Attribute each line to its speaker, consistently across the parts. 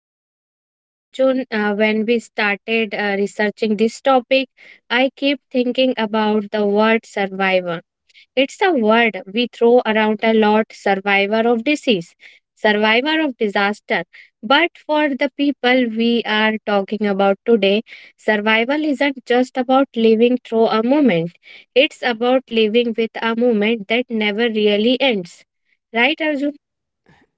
Speaker 1: And you know, Arjun, when we started researching this topic, I keep thinking about the word survivor. It's a word we throw around a lot. Survivor of disease, survivor of disaster. But for the people we are talking about today, survival isn't just about living through a moment, it's about living with a moment that never really ends. Right, Arjun?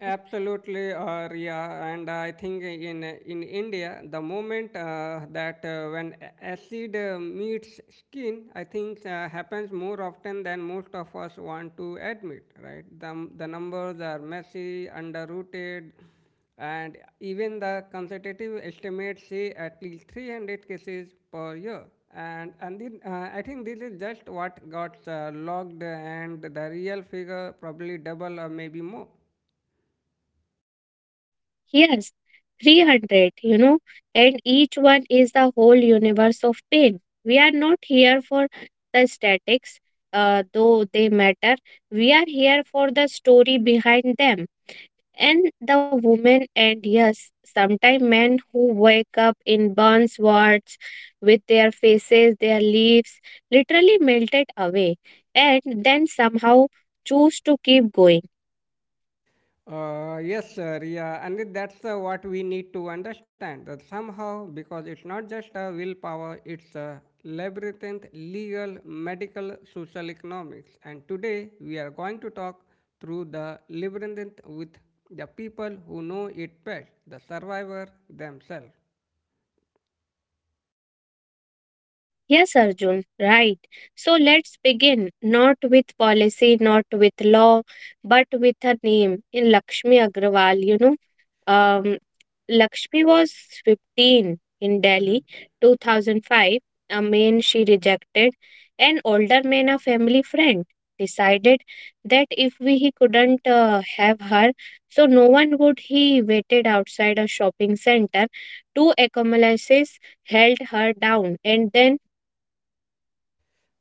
Speaker 2: Absolutely, or yeah, and I think in India, the moment that when acid meets skin, I think happens more often than most of us want to admit. Right, the numbers are messy, underrooted, and even the consultative estimates say at least 300 cases per year. And then, I think this is just what got logged, and the real figure probably double or maybe more.
Speaker 1: Yes, 300, you know, and each one is the whole universe of pain. We are not here for the statics, though they matter. We are here for the story behind them. And the women, and yes, sometimes men who wake up in burns wards with their faces, their leaves literally melted away, and then somehow choose to keep going.
Speaker 2: Yes, sir. Yeah, and that's what we need to understand that somehow, because it's not just a willpower, it's a labyrinth, legal, medical, social economics. And today we are going to talk through the labyrinth with the people who know it best, the survivor themselves.
Speaker 1: Yes, Arjun, right. So let's begin not with policy, not with law, but with her name in Lakshmi Agrawal. You know, um, Lakshmi was 15 in Delhi, 2005. A man she rejected, an older man, a family friend, decided that if we, he couldn't have her, so no one would. He waited outside a shopping center. Two accomplices held her down, and then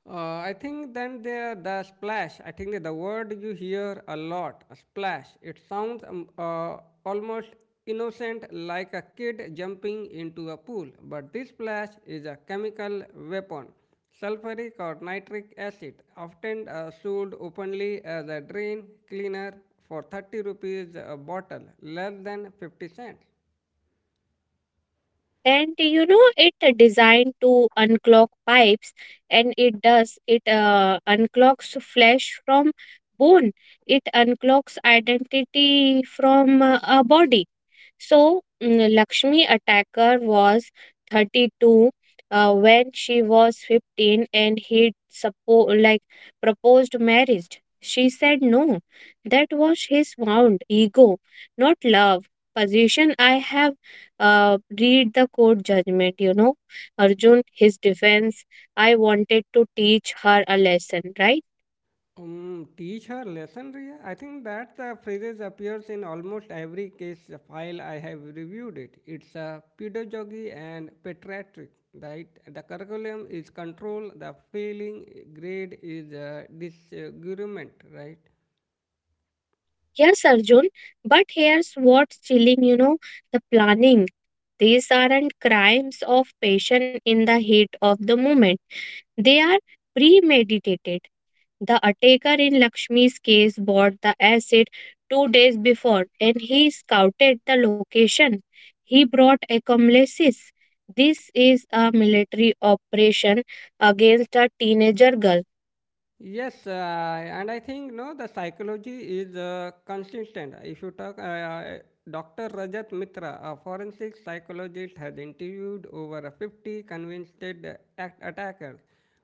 Speaker 2: Uh, I think then there the splash. I think that the word you hear a lot, a splash. It sounds almost innocent, like a kid jumping into a pool. But this splash is a chemical weapon, sulfuric or nitric acid, often sold openly as a drain cleaner for 30 rupees a bottle, less than 50 cents.
Speaker 1: and you know it designed to unclog pipes, and it does it, unclogs flesh from bone, it unclogs identity from a body. So, Lakshmi Attacker was 32, when she was 15 and he like proposed marriage. She said no. That was his wound ego, not love. Position I have read the court judgment, you know. Arjun, his defense, I wanted to teach her a lesson, right?
Speaker 2: Teach her lesson, Riya. I think that the phrase appears in almost every case file I have reviewed it. It's a pedagogy and pediatric, right? The curriculum is control, the failing grade is disagreement, right?
Speaker 1: Yes, Arjun, but here's what's chilling, you know, the planning. These aren't crimes of passion in the heat of the moment, they are premeditated. The attacker in Lakshmi's case bought the acid 2 days before and he scouted the location. He brought accomplices. This is a military operation against a teenager girl.
Speaker 2: Yes, and I think no, the psychology is consistent. If you talk, Dr. Rajat Mitra, a forensic psychologist, has interviewed over 50 convinced attackers.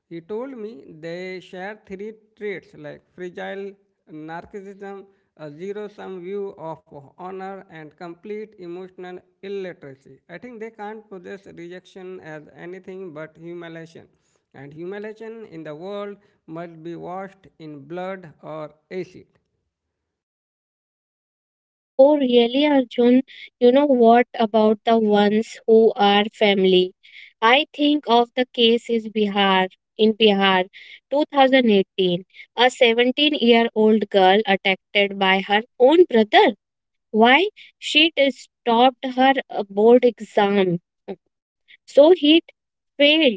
Speaker 2: He told me they share three traits like fragile narcissism, a zero-sum view of honor, and complete emotional illiteracy. I think they can't possess rejection as anything but humiliation, and humiliation in the world must be washed in blood or acid.
Speaker 1: Oh, really, Arjun? You know what about the ones who are family? I think of the case is Bihar. In Bihar, 2018, a 17-year-old girl attacked by her own brother. Why? She stopped her board exam. So he failed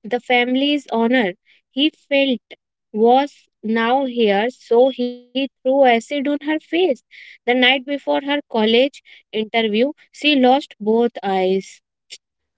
Speaker 1: the family's honor. He felt was now here, so he threw acid on her face. The night before her college interview, she lost both eyes.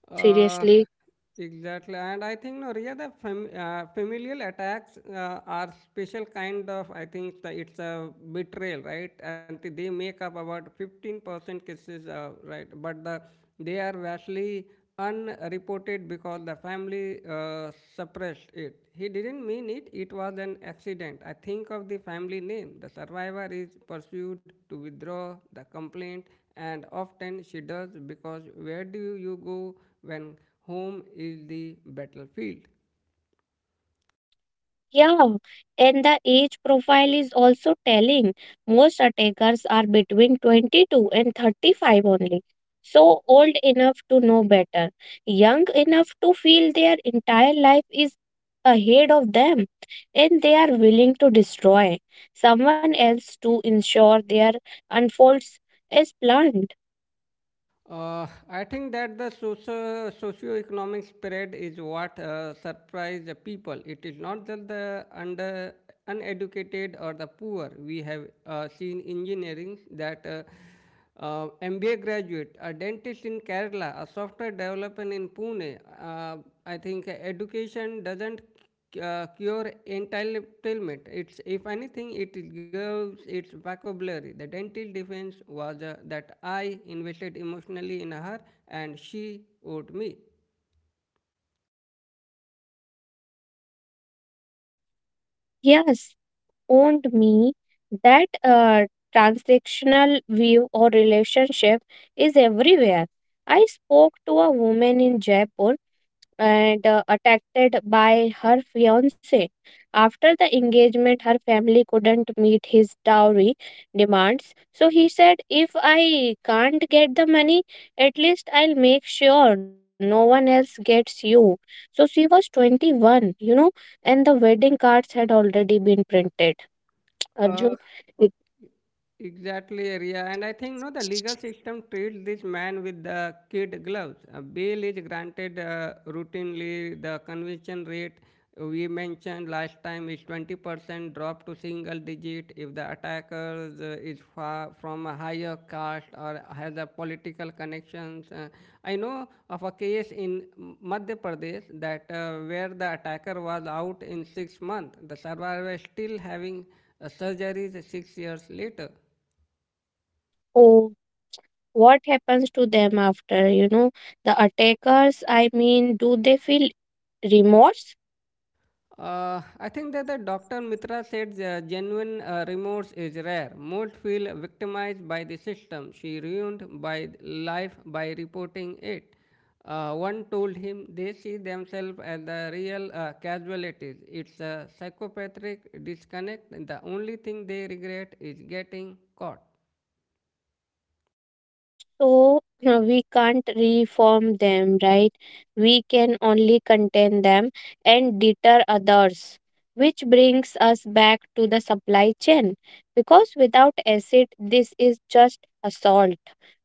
Speaker 2: Uh,
Speaker 1: Seriously?
Speaker 2: exactly, and I think no, Riya, the familial attacks are special kind of. I think that it's a betrayal, right? And they make up about 15% cases, right? But the they are vastly unreported because the family suppressed it. He didn't mean it; it was an accident. I think of the family name. The survivor is pursued to withdraw the complaint, and often she does, because where do you go when home is the battlefield?
Speaker 1: Yeah, and the age profile is also telling. Most attackers are between 22 and 35 only. So old enough to know better, young enough to feel their entire life is ahead of them, and they are willing to destroy someone else to ensure their unfolds as planned.
Speaker 2: I think that the socio-economic spread is what surprised the people. It is not that the under uneducated or the poor. We have seen engineering that MBA graduate, a dentist in Kerala, a software developer in Pune. I think education doesn't cure entitlement. It's, if anything, it gives its vocabulary. The dental defense was that I invested emotionally in her and she owed me.
Speaker 1: Yes, owned me, that transactional view or relationship is everywhere. I spoke to a woman in Jaipur and attacked by her fiance. After the engagement, her family couldn't meet his dowry demands. So he said, if I can't get the money, at least I'll make sure no one else gets you. So she was 21, you know, and the wedding cards had already been printed.
Speaker 2: Uh,
Speaker 1: Arjun, it-
Speaker 2: exactly, Ria. And I think no, the legal system treats this man with the kid gloves. Bail is granted routinely. The conviction rate we mentioned last time is 20% drop to single digit if the attacker is far from a higher caste or has a political connections. I know of a case in Madhya Pradesh that where the attacker was out in 6 months. The survivor is still having surgeries 6 years later.
Speaker 1: oh, what happens to them after, you know, the attackers? I mean, do they feel remorse?
Speaker 2: I think that the Dr. Mitra said genuine remorse is rare. Most feel victimized by the system, she ruined by life by reporting it. One told him they see themselves as the real casualties. It's a psychopathic disconnect. The only thing they regret is getting caught.
Speaker 1: So we can't reform them, right? We can only contain them and deter others. Which brings us back to the supply chain, because without acid, this is just assault.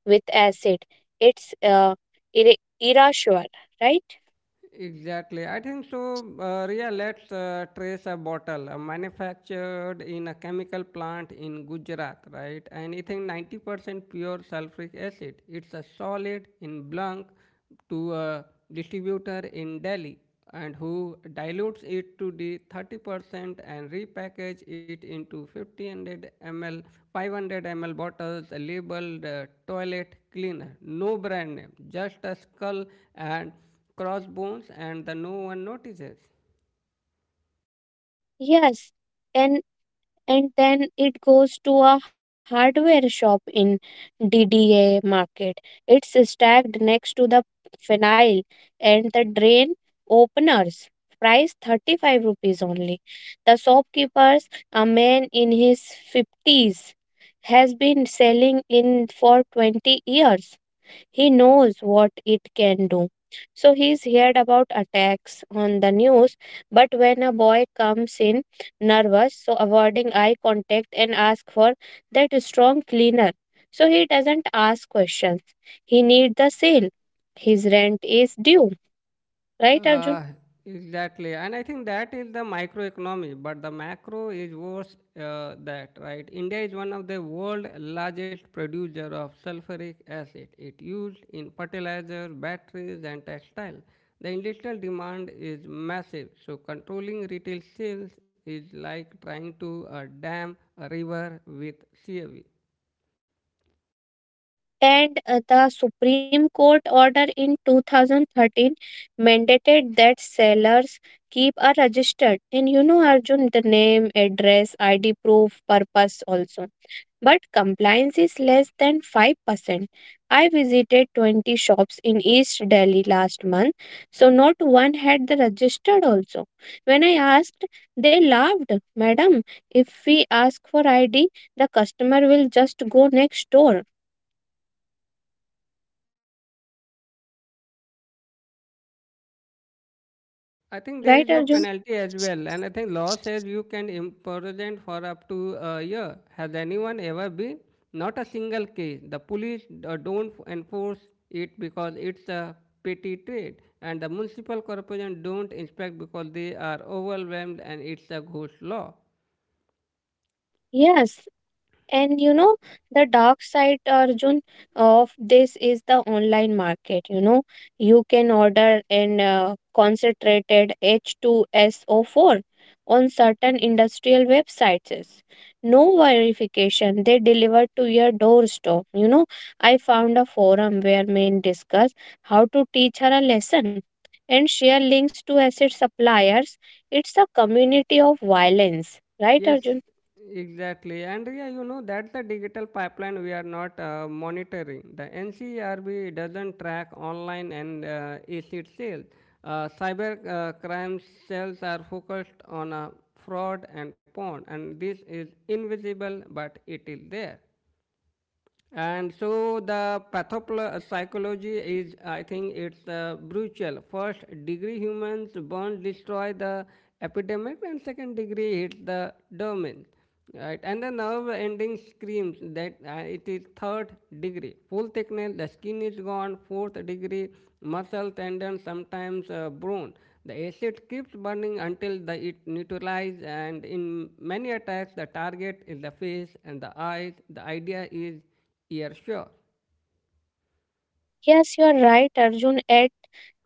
Speaker 1: With acid, it's irra- irrational, right?
Speaker 2: Exactly. I think so. Ria, let's trace a bottle manufactured in a chemical plant in Gujarat, right? And it is 90% pure sulfuric acid. It's a solid in blank to a distributor in Delhi, and who dilutes it to the 30% and repackage it into 1500 ml 500 ml bottles labeled toilet cleaner, no brand name, just a skull and crossbones, and the no one notices.
Speaker 1: Yes. And and then it goes to a hardware shop in DDA market. It's stacked next to the phenyl and the drain openers. Price 35 rupees only. The shopkeepers, a man in his 50s, has been selling in for 20 years. He knows what it can do. So he's heard about attacks on the news, but when a boy comes in nervous, so avoiding eye contact and ask for that strong cleaner. So he doesn't ask questions. He needs the sale. His rent is due, right, Arjun?
Speaker 2: Uh, exactly, and I think that is the microeconomy, but the macro is worse. That right, India is one of the world largest producer of sulfuric acid. It used in fertilizer, batteries, and textile. The industrial demand is massive, so controlling retail sales is like trying to dam a river with CAV.
Speaker 1: And the Supreme Court order in 2013 mandated that sellers keep a registered, and you know, Arjun, the name, address, ID proof, purpose also. But compliance is less than 5%. I visited 20 shops in East Delhi last month, so not one had the registered also. When I asked, they laughed. Madam, if we ask for ID, the customer will just go next door.
Speaker 2: I think there is
Speaker 1: Right,
Speaker 2: no
Speaker 1: Arjun?
Speaker 2: penalty as well, and I think law says you can imprison for up to a year. Has anyone ever been? Not a single case. The police don't enforce it because it's a petty trade, and the municipal corporation don't inspect because they are overwhelmed, and it's a ghost law.
Speaker 1: Yes, and you know, the dark side, Arjun, of this is the online market. You know, you can order in concentrated H2SO4 on certain industrial websites. No verification, they deliver to your doorstep. You know, I found a forum where men discuss how to teach her a lesson and share links to acid suppliers. It's a community of violence, right,
Speaker 2: Yes,
Speaker 1: Arjun?
Speaker 2: exactly. And yeah, you know, that's the digital pipeline we are not monitoring. The NCRB doesn't track online and illicit sales. Cyber crime cells are focused on fraud and porn, and this is invisible, but it is there. And so the pathopsychology is, I think, it's brutal. First degree humans burn, destroy the epidemic, and second degree hits the domain, right? And the nerve ending screams that it is third degree, full thickness. The skin is gone. Fourth degree, muscle, tendon, sometimes bone. The acid keeps burning until the, it neutralizes, and in many attacks, the target is the face and the eyes. The idea is yeah, sure.
Speaker 1: Yes, you're right, Arjun. At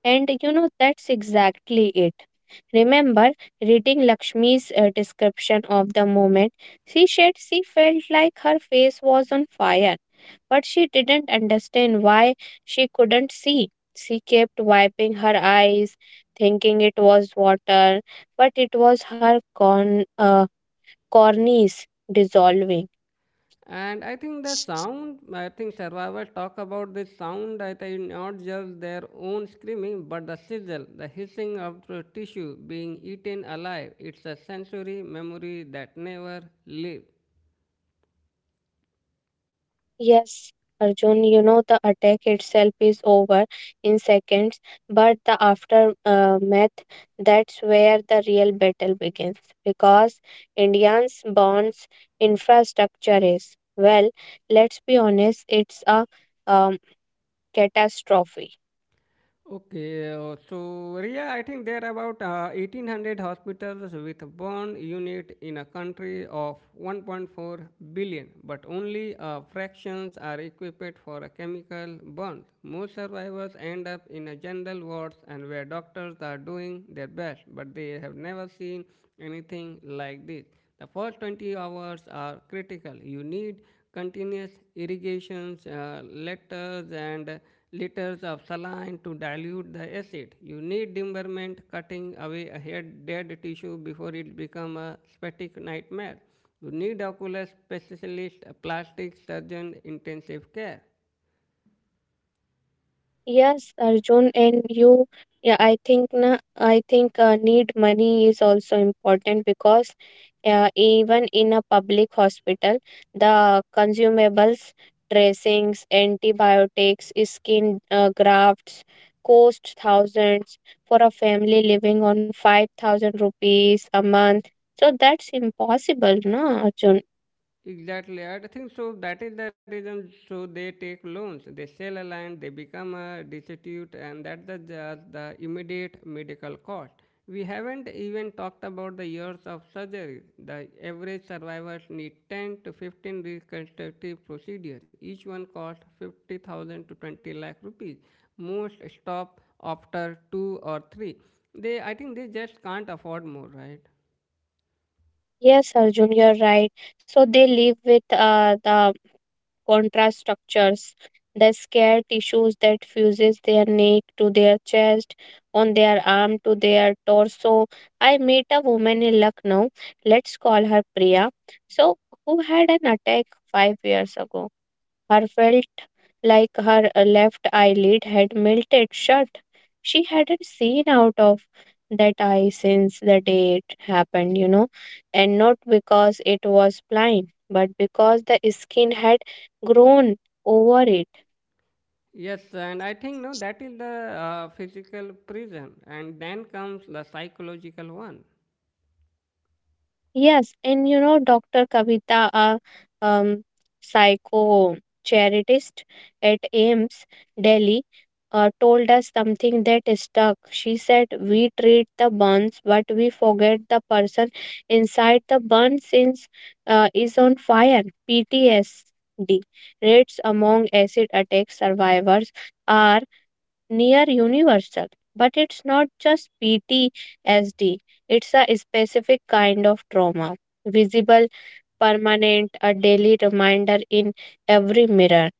Speaker 1: And you know, that's exactly it. Remember reading Lakshmi's description of the moment. She said she felt like her face was on fire, but she didn't understand why she couldn't see. She kept wiping her eyes, thinking it was water, but it was her corneas dissolving.
Speaker 2: And I think the sound, I think survivors talk about this sound, I think not just their own screaming, but the sizzle, the hissing of the tissue being eaten alive. It's a sensory memory that never lives.
Speaker 1: Yes, Arjun, you know the attack itself is over in seconds, but the aftermath, that's where the real battle begins, because Indians bonds infrastructure is, well, let's be honest, it's a um, catastrophe.
Speaker 2: Okay, so yeah, I think there are about 1800 hospitals with burn unit in a country of 1.4 billion, but only fractions are equipped for a chemical burn. Most survivors end up in a general wards, and where doctors are doing their best, but they have never seen anything like this. The first 20 hours are critical. You need continuous irrigations, letters, and liters of saline to dilute the acid. You need demurrament, cutting away a head dead tissue before it becomes a static nightmare. You need ocular specialist, a plastic surgeon, intensive care.
Speaker 1: Yes, Arjun, and yeah, I think need money is also important, because even in a public hospital, the consumables, dressings, antibiotics, skin grafts cost thousands for a family living on 5,000 rupees a month. So that's impossible, no, Arjun?
Speaker 2: Exactly, I think so. That is the reason. So they take loans, they sell a land, they become a destitute, and that's the, just the immediate medical cost. We haven't even talked about the years of surgery. The average survivors need 10 to 15 reconstructive procedures. Each one costs 50,000 to 20 lakh rupees. Most stop after two or three. They, I think, they just can't afford more, right?
Speaker 1: Yes, Arjun, you're right. So they live with the contrast structures, the scar tissues that fuses their neck to their chest, on their arm to their torso. I met a woman in Lucknow, let's call her Priya, so who had an attack 5 years ago. Her felt like her left eyelid had melted shut. She hadn't seen out of that eye since the day it happened, you know, and not because it was blind, but because the skin had grown over it.
Speaker 2: Yes, and I think no, that is the physical prison, and then comes the psychological one.
Speaker 1: Yes, and you know, Dr. Kavita, a um, psychocharitist at AIMS, Delhi, told us something that stuck. She said, we treat the burns, but we forget the person inside the burn since is on fire. PTSD rates among acid attack survivors are near universal. But it's not just PTSD, it's a specific kind of trauma, visible, permanent, a daily reminder in every mirror.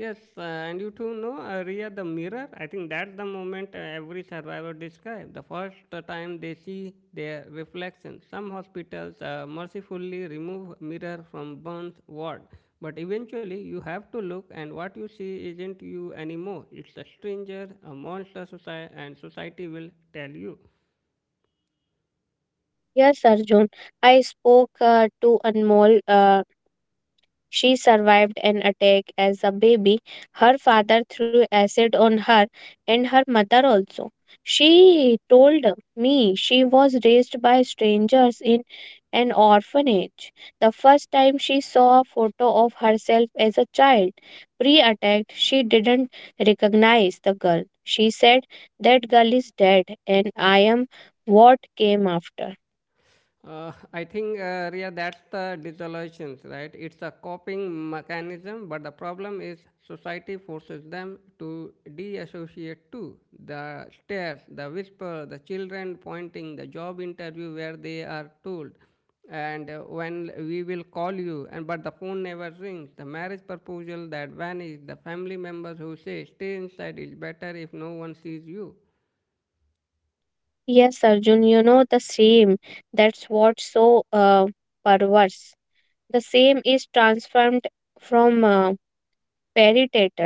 Speaker 2: Yes, and you too know Ria the mirror. I think that's the moment every survivor describes. The first time they see their reflection. Some hospitals mercifully remove mirror from burns ward, but eventually you have to look, and what you see isn't you anymore. It's a stranger, a monster society, and society will tell you.
Speaker 1: Yes, Arjun, I spoke to Anmol. She survived an attack as a baby. Her father threw acid on her and her mother also. She told me she was raised by strangers in an orphanage. The first time she saw a photo of herself as a child, pre attack, she didn't recognize the girl. She said, that girl is dead, and I am what came after.
Speaker 2: I think, Ria, that's the disillusion, right? It's a coping mechanism, but the problem is society forces them to de-associate too. The stares, the whisper, the children pointing, the job interview where they are told, and when we will call you, and but the phone never rings. The marriage proposal that vanished, the family members who say stay inside, it's better if no one sees you.
Speaker 1: Yes, Arjun, you know the same. That's what's so perverse. The same is transformed from peritator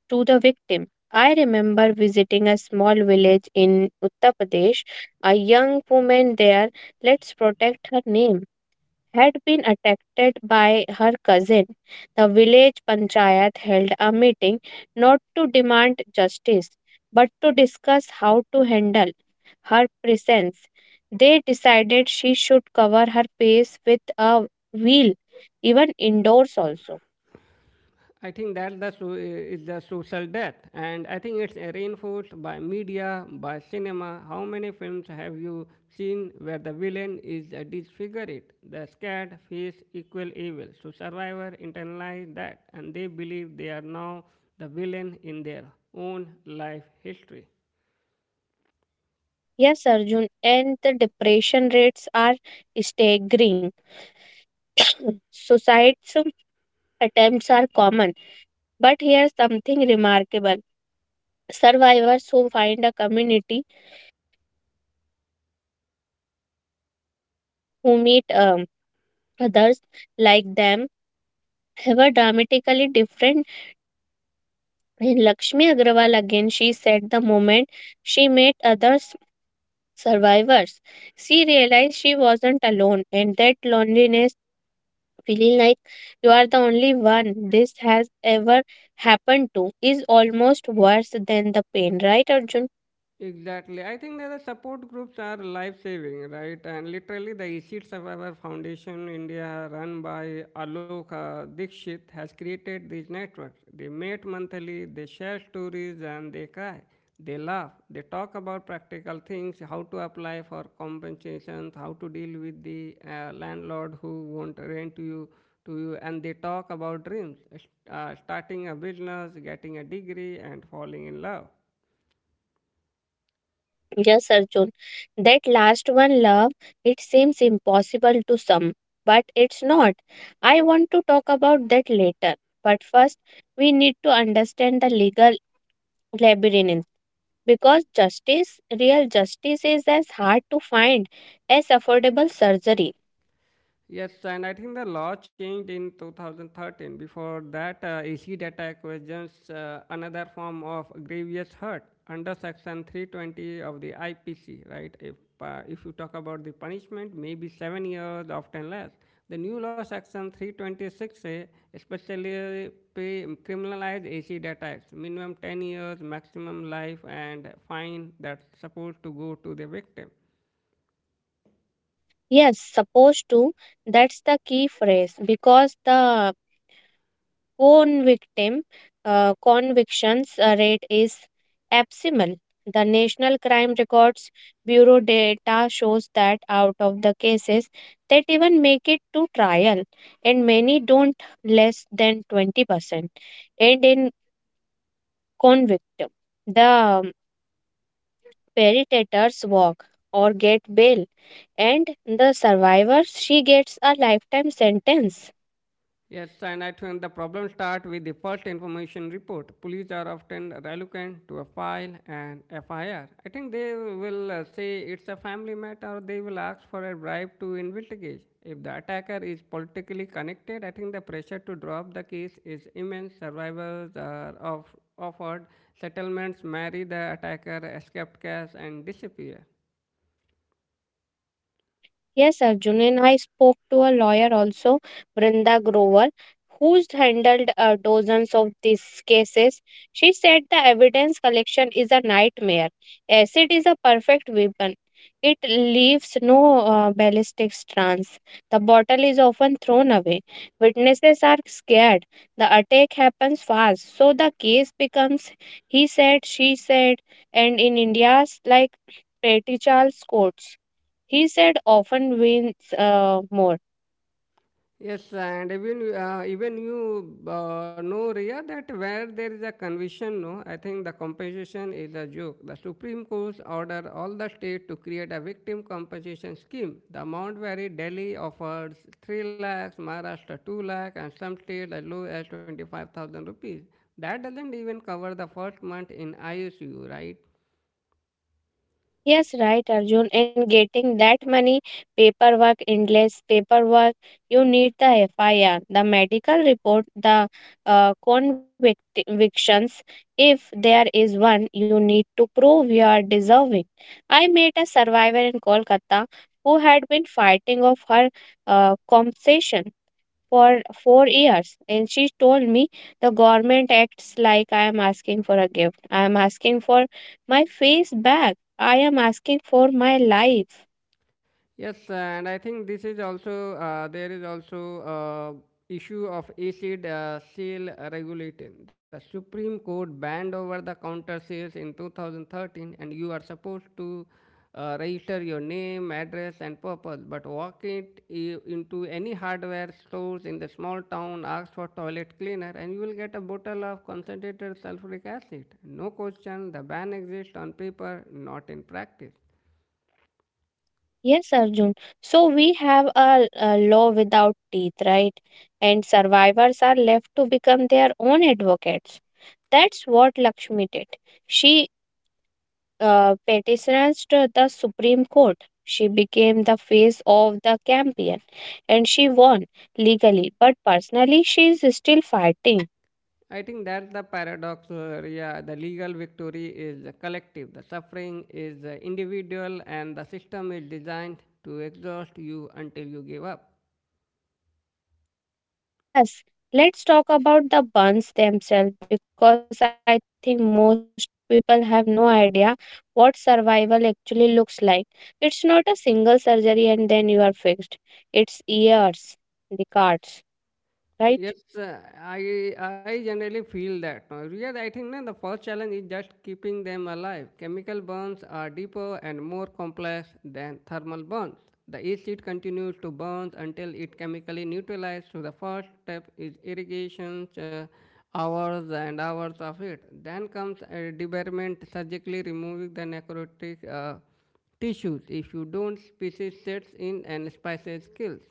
Speaker 1: to the victim. I remember visiting a small village in Uttar Pradesh. A young woman there, let's protect her name, had been attacked by her cousin. The village panchayat held a meeting, not to demand justice but to discuss how to handle her presence. They decided she should cover her face with a veil, even indoors also.
Speaker 2: I think that the is the social death, and I think it's reinforced by media, by cinema. How many films have you seen where the villain is disfigured, the scared face equal evil? So survivor internalize that, and they believe they are now the villain in their own life history.
Speaker 1: Yes, Arjun, and the depression rates are staggering. Suicides attempts are common, but here's something remarkable, survivors who find a community, who meet others like them, were dramatically different. In Lakshmi Agrawal again, she said the moment she met other survivors, she realized she wasn't alone, and that loneliness, feeling like you are the only one this has ever happened to, is almost worse than the pain, right, Arjun?
Speaker 2: Exactly. I think that the support groups are life saving, right? And literally, the ESID Survivor Foundation India, run by Alok Dikshit, has created these networks. They meet monthly, they share stories, and they cry. They laugh. They talk about practical things, how to apply for compensations, how to deal with the landlord who won't rent you. To you, and they talk about dreams, starting a business, getting a degree, and falling in love.
Speaker 1: Yes, Arjun. That last one, love, it seems impossible to some, but it's not. I want to talk about that later. But first, we need to understand the legal labyrinth, because justice, real justice, is as hard to find as affordable surgery.
Speaker 2: Yes, and I think the law changed in 2013. Before that, acid attack was just another form of grievous hurt under Section 320 of the IPC, right? If you talk about the punishment, maybe 7 years, often less. The new law, Section 326A, especially pay, criminalize acid attacks, minimum 10 years, maximum life, and fine that's supposed to go to the victim.
Speaker 1: Yes, supposed to. That's the key phrase, because the Convictim convictions rate is abysmal. The National Crime Records Bureau data shows that out of the cases that even make it to trial, and many don't, less than 20%, and in convictum, the perpetrators walk or get bail, and the survivors she gets a lifetime sentence.
Speaker 2: Yes, and I think the problem starts with the first information report. Police are often reluctant to a file an FIR. I R. I think they will say it's a family matter, or they will ask for a bribe to investigate. If the attacker is politically connected, I think the pressure to drop the case is immense. Survivors are of, offered settlements, marry the attacker, escape cash, and disappear.
Speaker 1: Yes, Arjun, and I spoke to a lawyer also, Brinda Grover, who's handled dozens of these cases. She said the evidence collection is a nightmare. Acid is a perfect weapon. It leaves no ballistic strands. The bottle is often thrown away. Witnesses are scared. The attack happens fast, so the case becomes he said, she said, and in India's like petty Charles courts. He said often wins more.
Speaker 2: Yes, and even even you know, Ria, that where there is a conviction, no, I think the compensation is a joke. The Supreme Court ordered all the state to create a victim compensation scheme. The amount varied. Delhi offers 3 lakhs, Maharashtra 2 lakh, and some states as low as 25,000 rupees. That doesn't even cover the first month in ICU, right?
Speaker 1: Yes, right, Arjun. And getting that many paperwork, endless paperwork, you need the FIR, the medical report, the convictions. If there is one, you need to prove you are deserving. I met a survivor in Kolkata who had been fighting of her compensation for 4 years. And she told me the government acts like I am asking for a gift. I am asking for my face back. I am asking for my life.
Speaker 2: Yes, and I think this is also there is also issue of acid sale regulation. The Supreme Court banned over the counter sales in 2013, and you are supposed to register your name, address, and purpose. But walk into any hardware stores in the small town, ask for toilet cleaner, and you will get a bottle of concentrated sulfuric acid. No question, the ban exists on paper, not in practice.
Speaker 1: Yes, Arjun. So we have a law without teeth, right? And survivors are left to become their own advocates. That's what Lakshmi did. She petitioned the Supreme Court. She became the face of the campaign and she won legally, but personally, she is still fighting.
Speaker 2: I think that's the paradox. Yeah, the legal victory is collective. The suffering is individual, and the system is designed to exhaust you until you give up.
Speaker 1: Yes, let's talk about the buns themselves because I think most people have no idea what survival actually looks like. It's not a single surgery and then you are fixed, it's years, decades, right?
Speaker 2: Yes, I generally feel that. No. Yes, I think no, the first challenge is just keeping them alive. Chemical burns are deeper and more complex than thermal burns. The acid continues to burn until it chemically neutralizes. So the first step is irrigation, hours and hours of it. Then comes debarment, surgically removing the necrotic tissues. If you don't, species sets in and spices kills.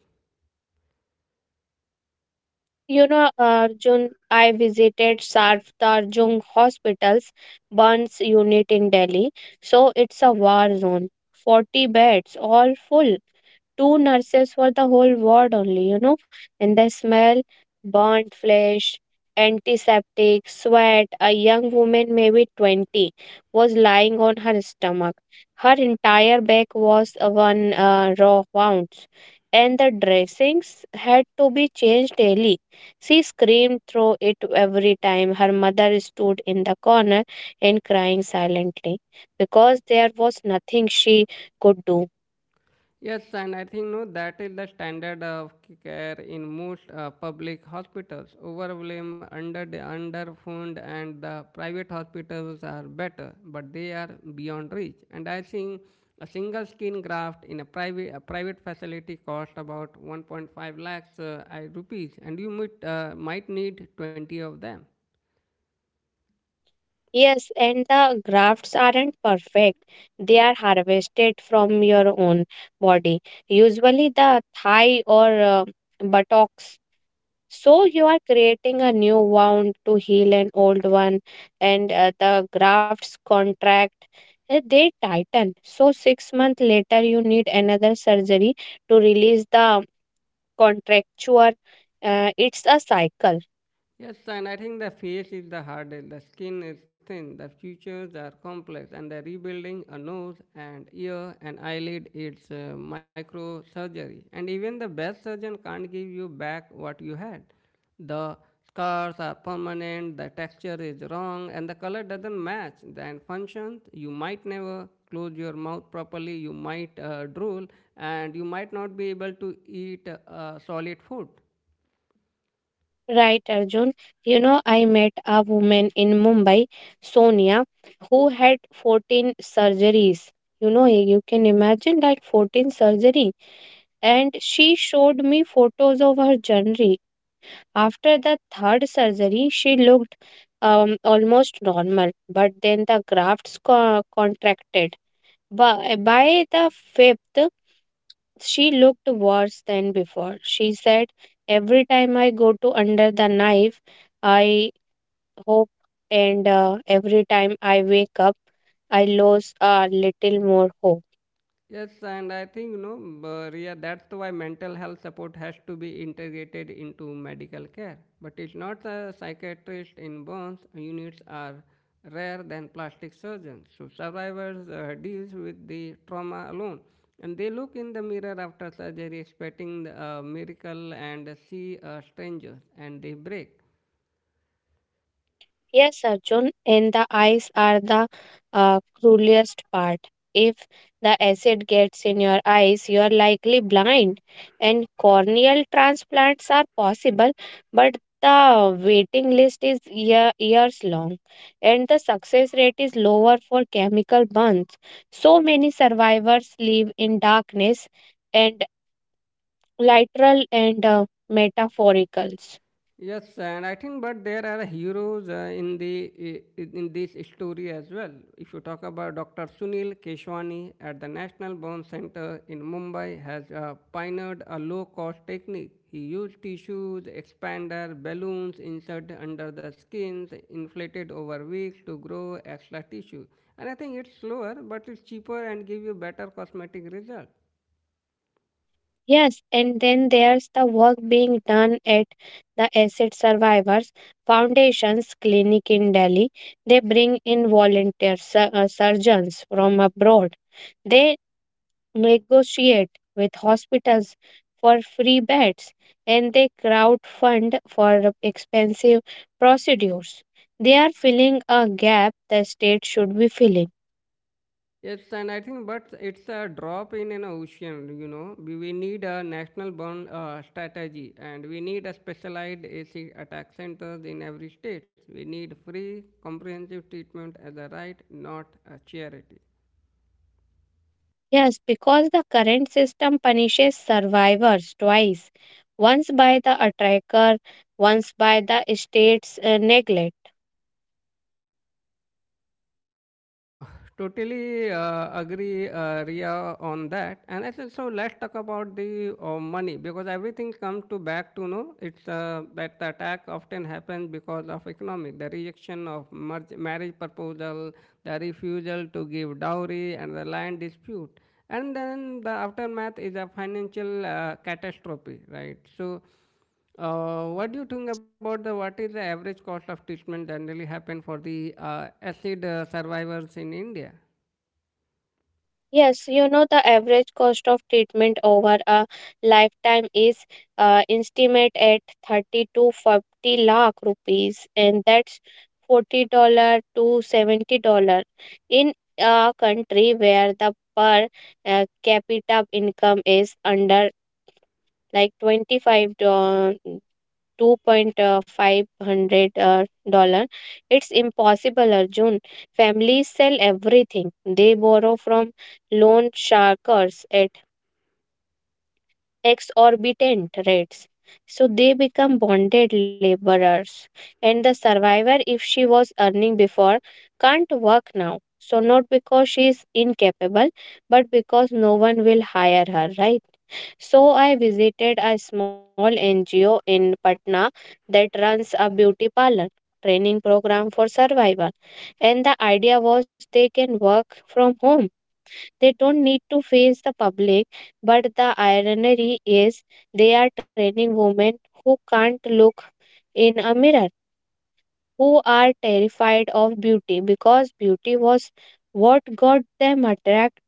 Speaker 1: You know, Arjun, I visited Sardarjung Hospital's burns unit in Delhi. So it's a war zone. 40 beds, all full, two nurses for the whole ward only, you know. And the smell, burnt flesh, antiseptic, sweat. A young woman, maybe 20, was lying on her stomach. Her entire back was one raw wounds, and the dressings had to be changed daily. She screamed through it every time. Her mother stood in the corner and crying silently because there was nothing she could do.
Speaker 2: Yes, and I think no, that is the standard of care in most public hospitals. Overblame, underfund, and the private hospitals are better, but they are beyond reach. And I think a single skin graft in a private facility costs about 1.5 lakhs rupees, and you might need 20 of them.
Speaker 1: Yes, and the grafts aren't perfect. They are harvested from your own body, usually the thigh or buttocks. So you are creating a new wound to heal an old one, and the grafts contract, they tighten. So 6 months later, you need another surgery to release the contracture. It's a cycle.
Speaker 2: Yes, and I think the face is the hardest. The skin is thin, the features are complex, and the rebuilding a nose and ear and eyelid it's microsurgery. And even the best surgeon can't give you back what you had. The scars are permanent, the texture is wrong, and the color doesn't match. Then functions, you might never close your mouth properly, you might drool, and you might not be able to eat solid food.
Speaker 1: Right, Arjun. You know, I met a woman in Mumbai, Sonia, who had 14 surgeries. You know, you can imagine that, 14 surgery. And she showed me photos of her journey. After the third surgery, she looked almost normal, but then the grafts contracted. By the fifth, she looked worse than before. She said, every time I go to under the knife, I hope, and every time I wake up, I lose a little more hope.
Speaker 2: Yes, and I think you know, but yeah, that's why mental health support has to be integrated into medical care. But it's not a psychiatrist in burns units are rare than plastic surgeons. So survivors deals with the trauma alone, and they look in the mirror after surgery expecting a miracle and see strangers, and they break.
Speaker 1: Yes, Arjun, and the eyes are the cruelest part. If the acid gets in your eyes, you are likely blind. And corneal transplants are possible, but the waiting list is years long, and the success rate is lower for chemical burns. So many survivors live in darkness and literal and metaphoricals.
Speaker 2: Yes, and I think, but there are heroes in this story as well. If you talk about Dr. Sunil Keshwani at the National Bone Center in Mumbai, has pioneered a low-cost technique. He used tissues, expander, balloons inserted under the skins, inflated over weeks to grow extra tissue. And I think it's slower, but it's cheaper and give you better cosmetic result.
Speaker 1: Yes, and then there's the work being done at the Acid Survivors Foundation's clinic in Delhi. They bring in volunteer surgeons from abroad. They negotiate with hospitals for free beds and they crowdfund for expensive procedures. They are filling a gap the state should be filling.
Speaker 2: Yes, and I think, but it's a drop in an ocean, you know. We need a national bound strategy and we need a specialized AC attack centers in every state. We need free, comprehensive treatment as a right, not a charity.
Speaker 1: Yes, because the current system punishes survivors twice, once by the attacker, once by the state's neglect.
Speaker 2: Uh, Totally agree, Ria, on that. And I think so let's talk about the money because everything comes to back to know it's that the attack often happens because of economy, the rejection of merge, marriage proposal, the refusal to give dowry, and the land dispute. And then the aftermath is a financial catastrophe, right? So. What do you think about the what is the average cost of treatment generally happen for the acid survivors in India?
Speaker 1: Yes, you know the average cost of treatment over a lifetime is estimated at 30 to 40 lakh rupees, and that's $40 to $70 in a country where the per capita income is under like 2.5 hundred five hundred dollar. It's impossible, Arjun. Families sell everything, they borrow from loan sharkers at exorbitant rates, so they become bonded laborers. And the survivor, if she was earning before, can't work now, so not because she is incapable but because no one will hire her, right? So I visited a small NGO in Patna that runs a beauty parlor training program for survival. And the idea was they can work from home. They don't need to face the public, but the irony is they are training women who can't look in a mirror, who are terrified of beauty because beauty was what got them attracted.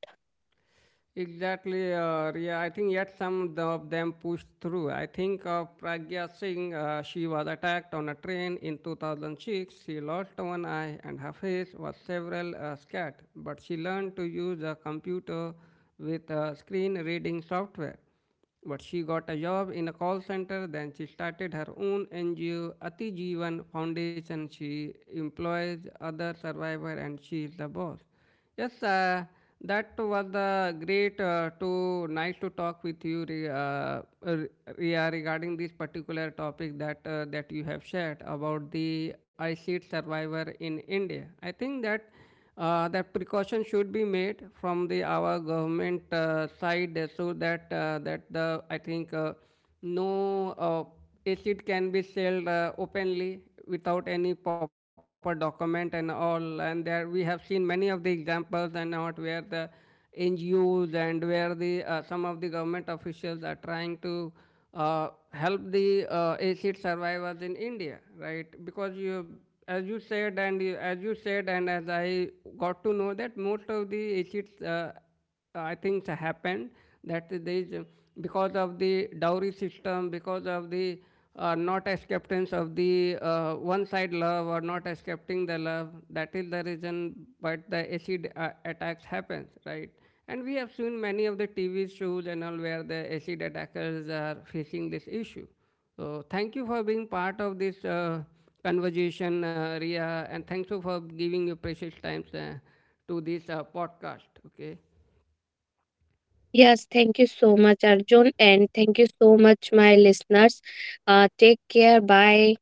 Speaker 2: Exactly, Riya. I think yet of them pushed through. I think of Pragya Singh. She was attacked on a train in 2006. She lost one eye and her face was several scat. But she learned to use a computer with screen reading software. But she got a job in a call center. Then she started her own NGO, Ati Jeevan Foundation. She employs other survivors and she is the boss. Yes, that was great. To Nice to talk with you regarding this particular topic that that you have shared about the ICID survivor in India. I think that that precaution should be made from the our government side so that that the I think no acid can be sold openly without any proper document and all. And there we have seen many of the examples and not where the NGOs and where the some of the government officials are trying to help the acid survivors in India, right? Because you, as you said, and as I got to know that most of the acid things happened that there is because of the dowry system, because of the not acceptance of the one side love or not accepting the love. That is the reason. But the acid attacks happens, right? And we have seen many of the TV shows and all where the acid attackers are facing this issue. So thank you for being part of this conversation, Ria, and thanks for giving your precious time to this podcast. Okay,
Speaker 1: Yes, thank you so much, Arjun, and thank you so much, my listeners. Take care. Bye.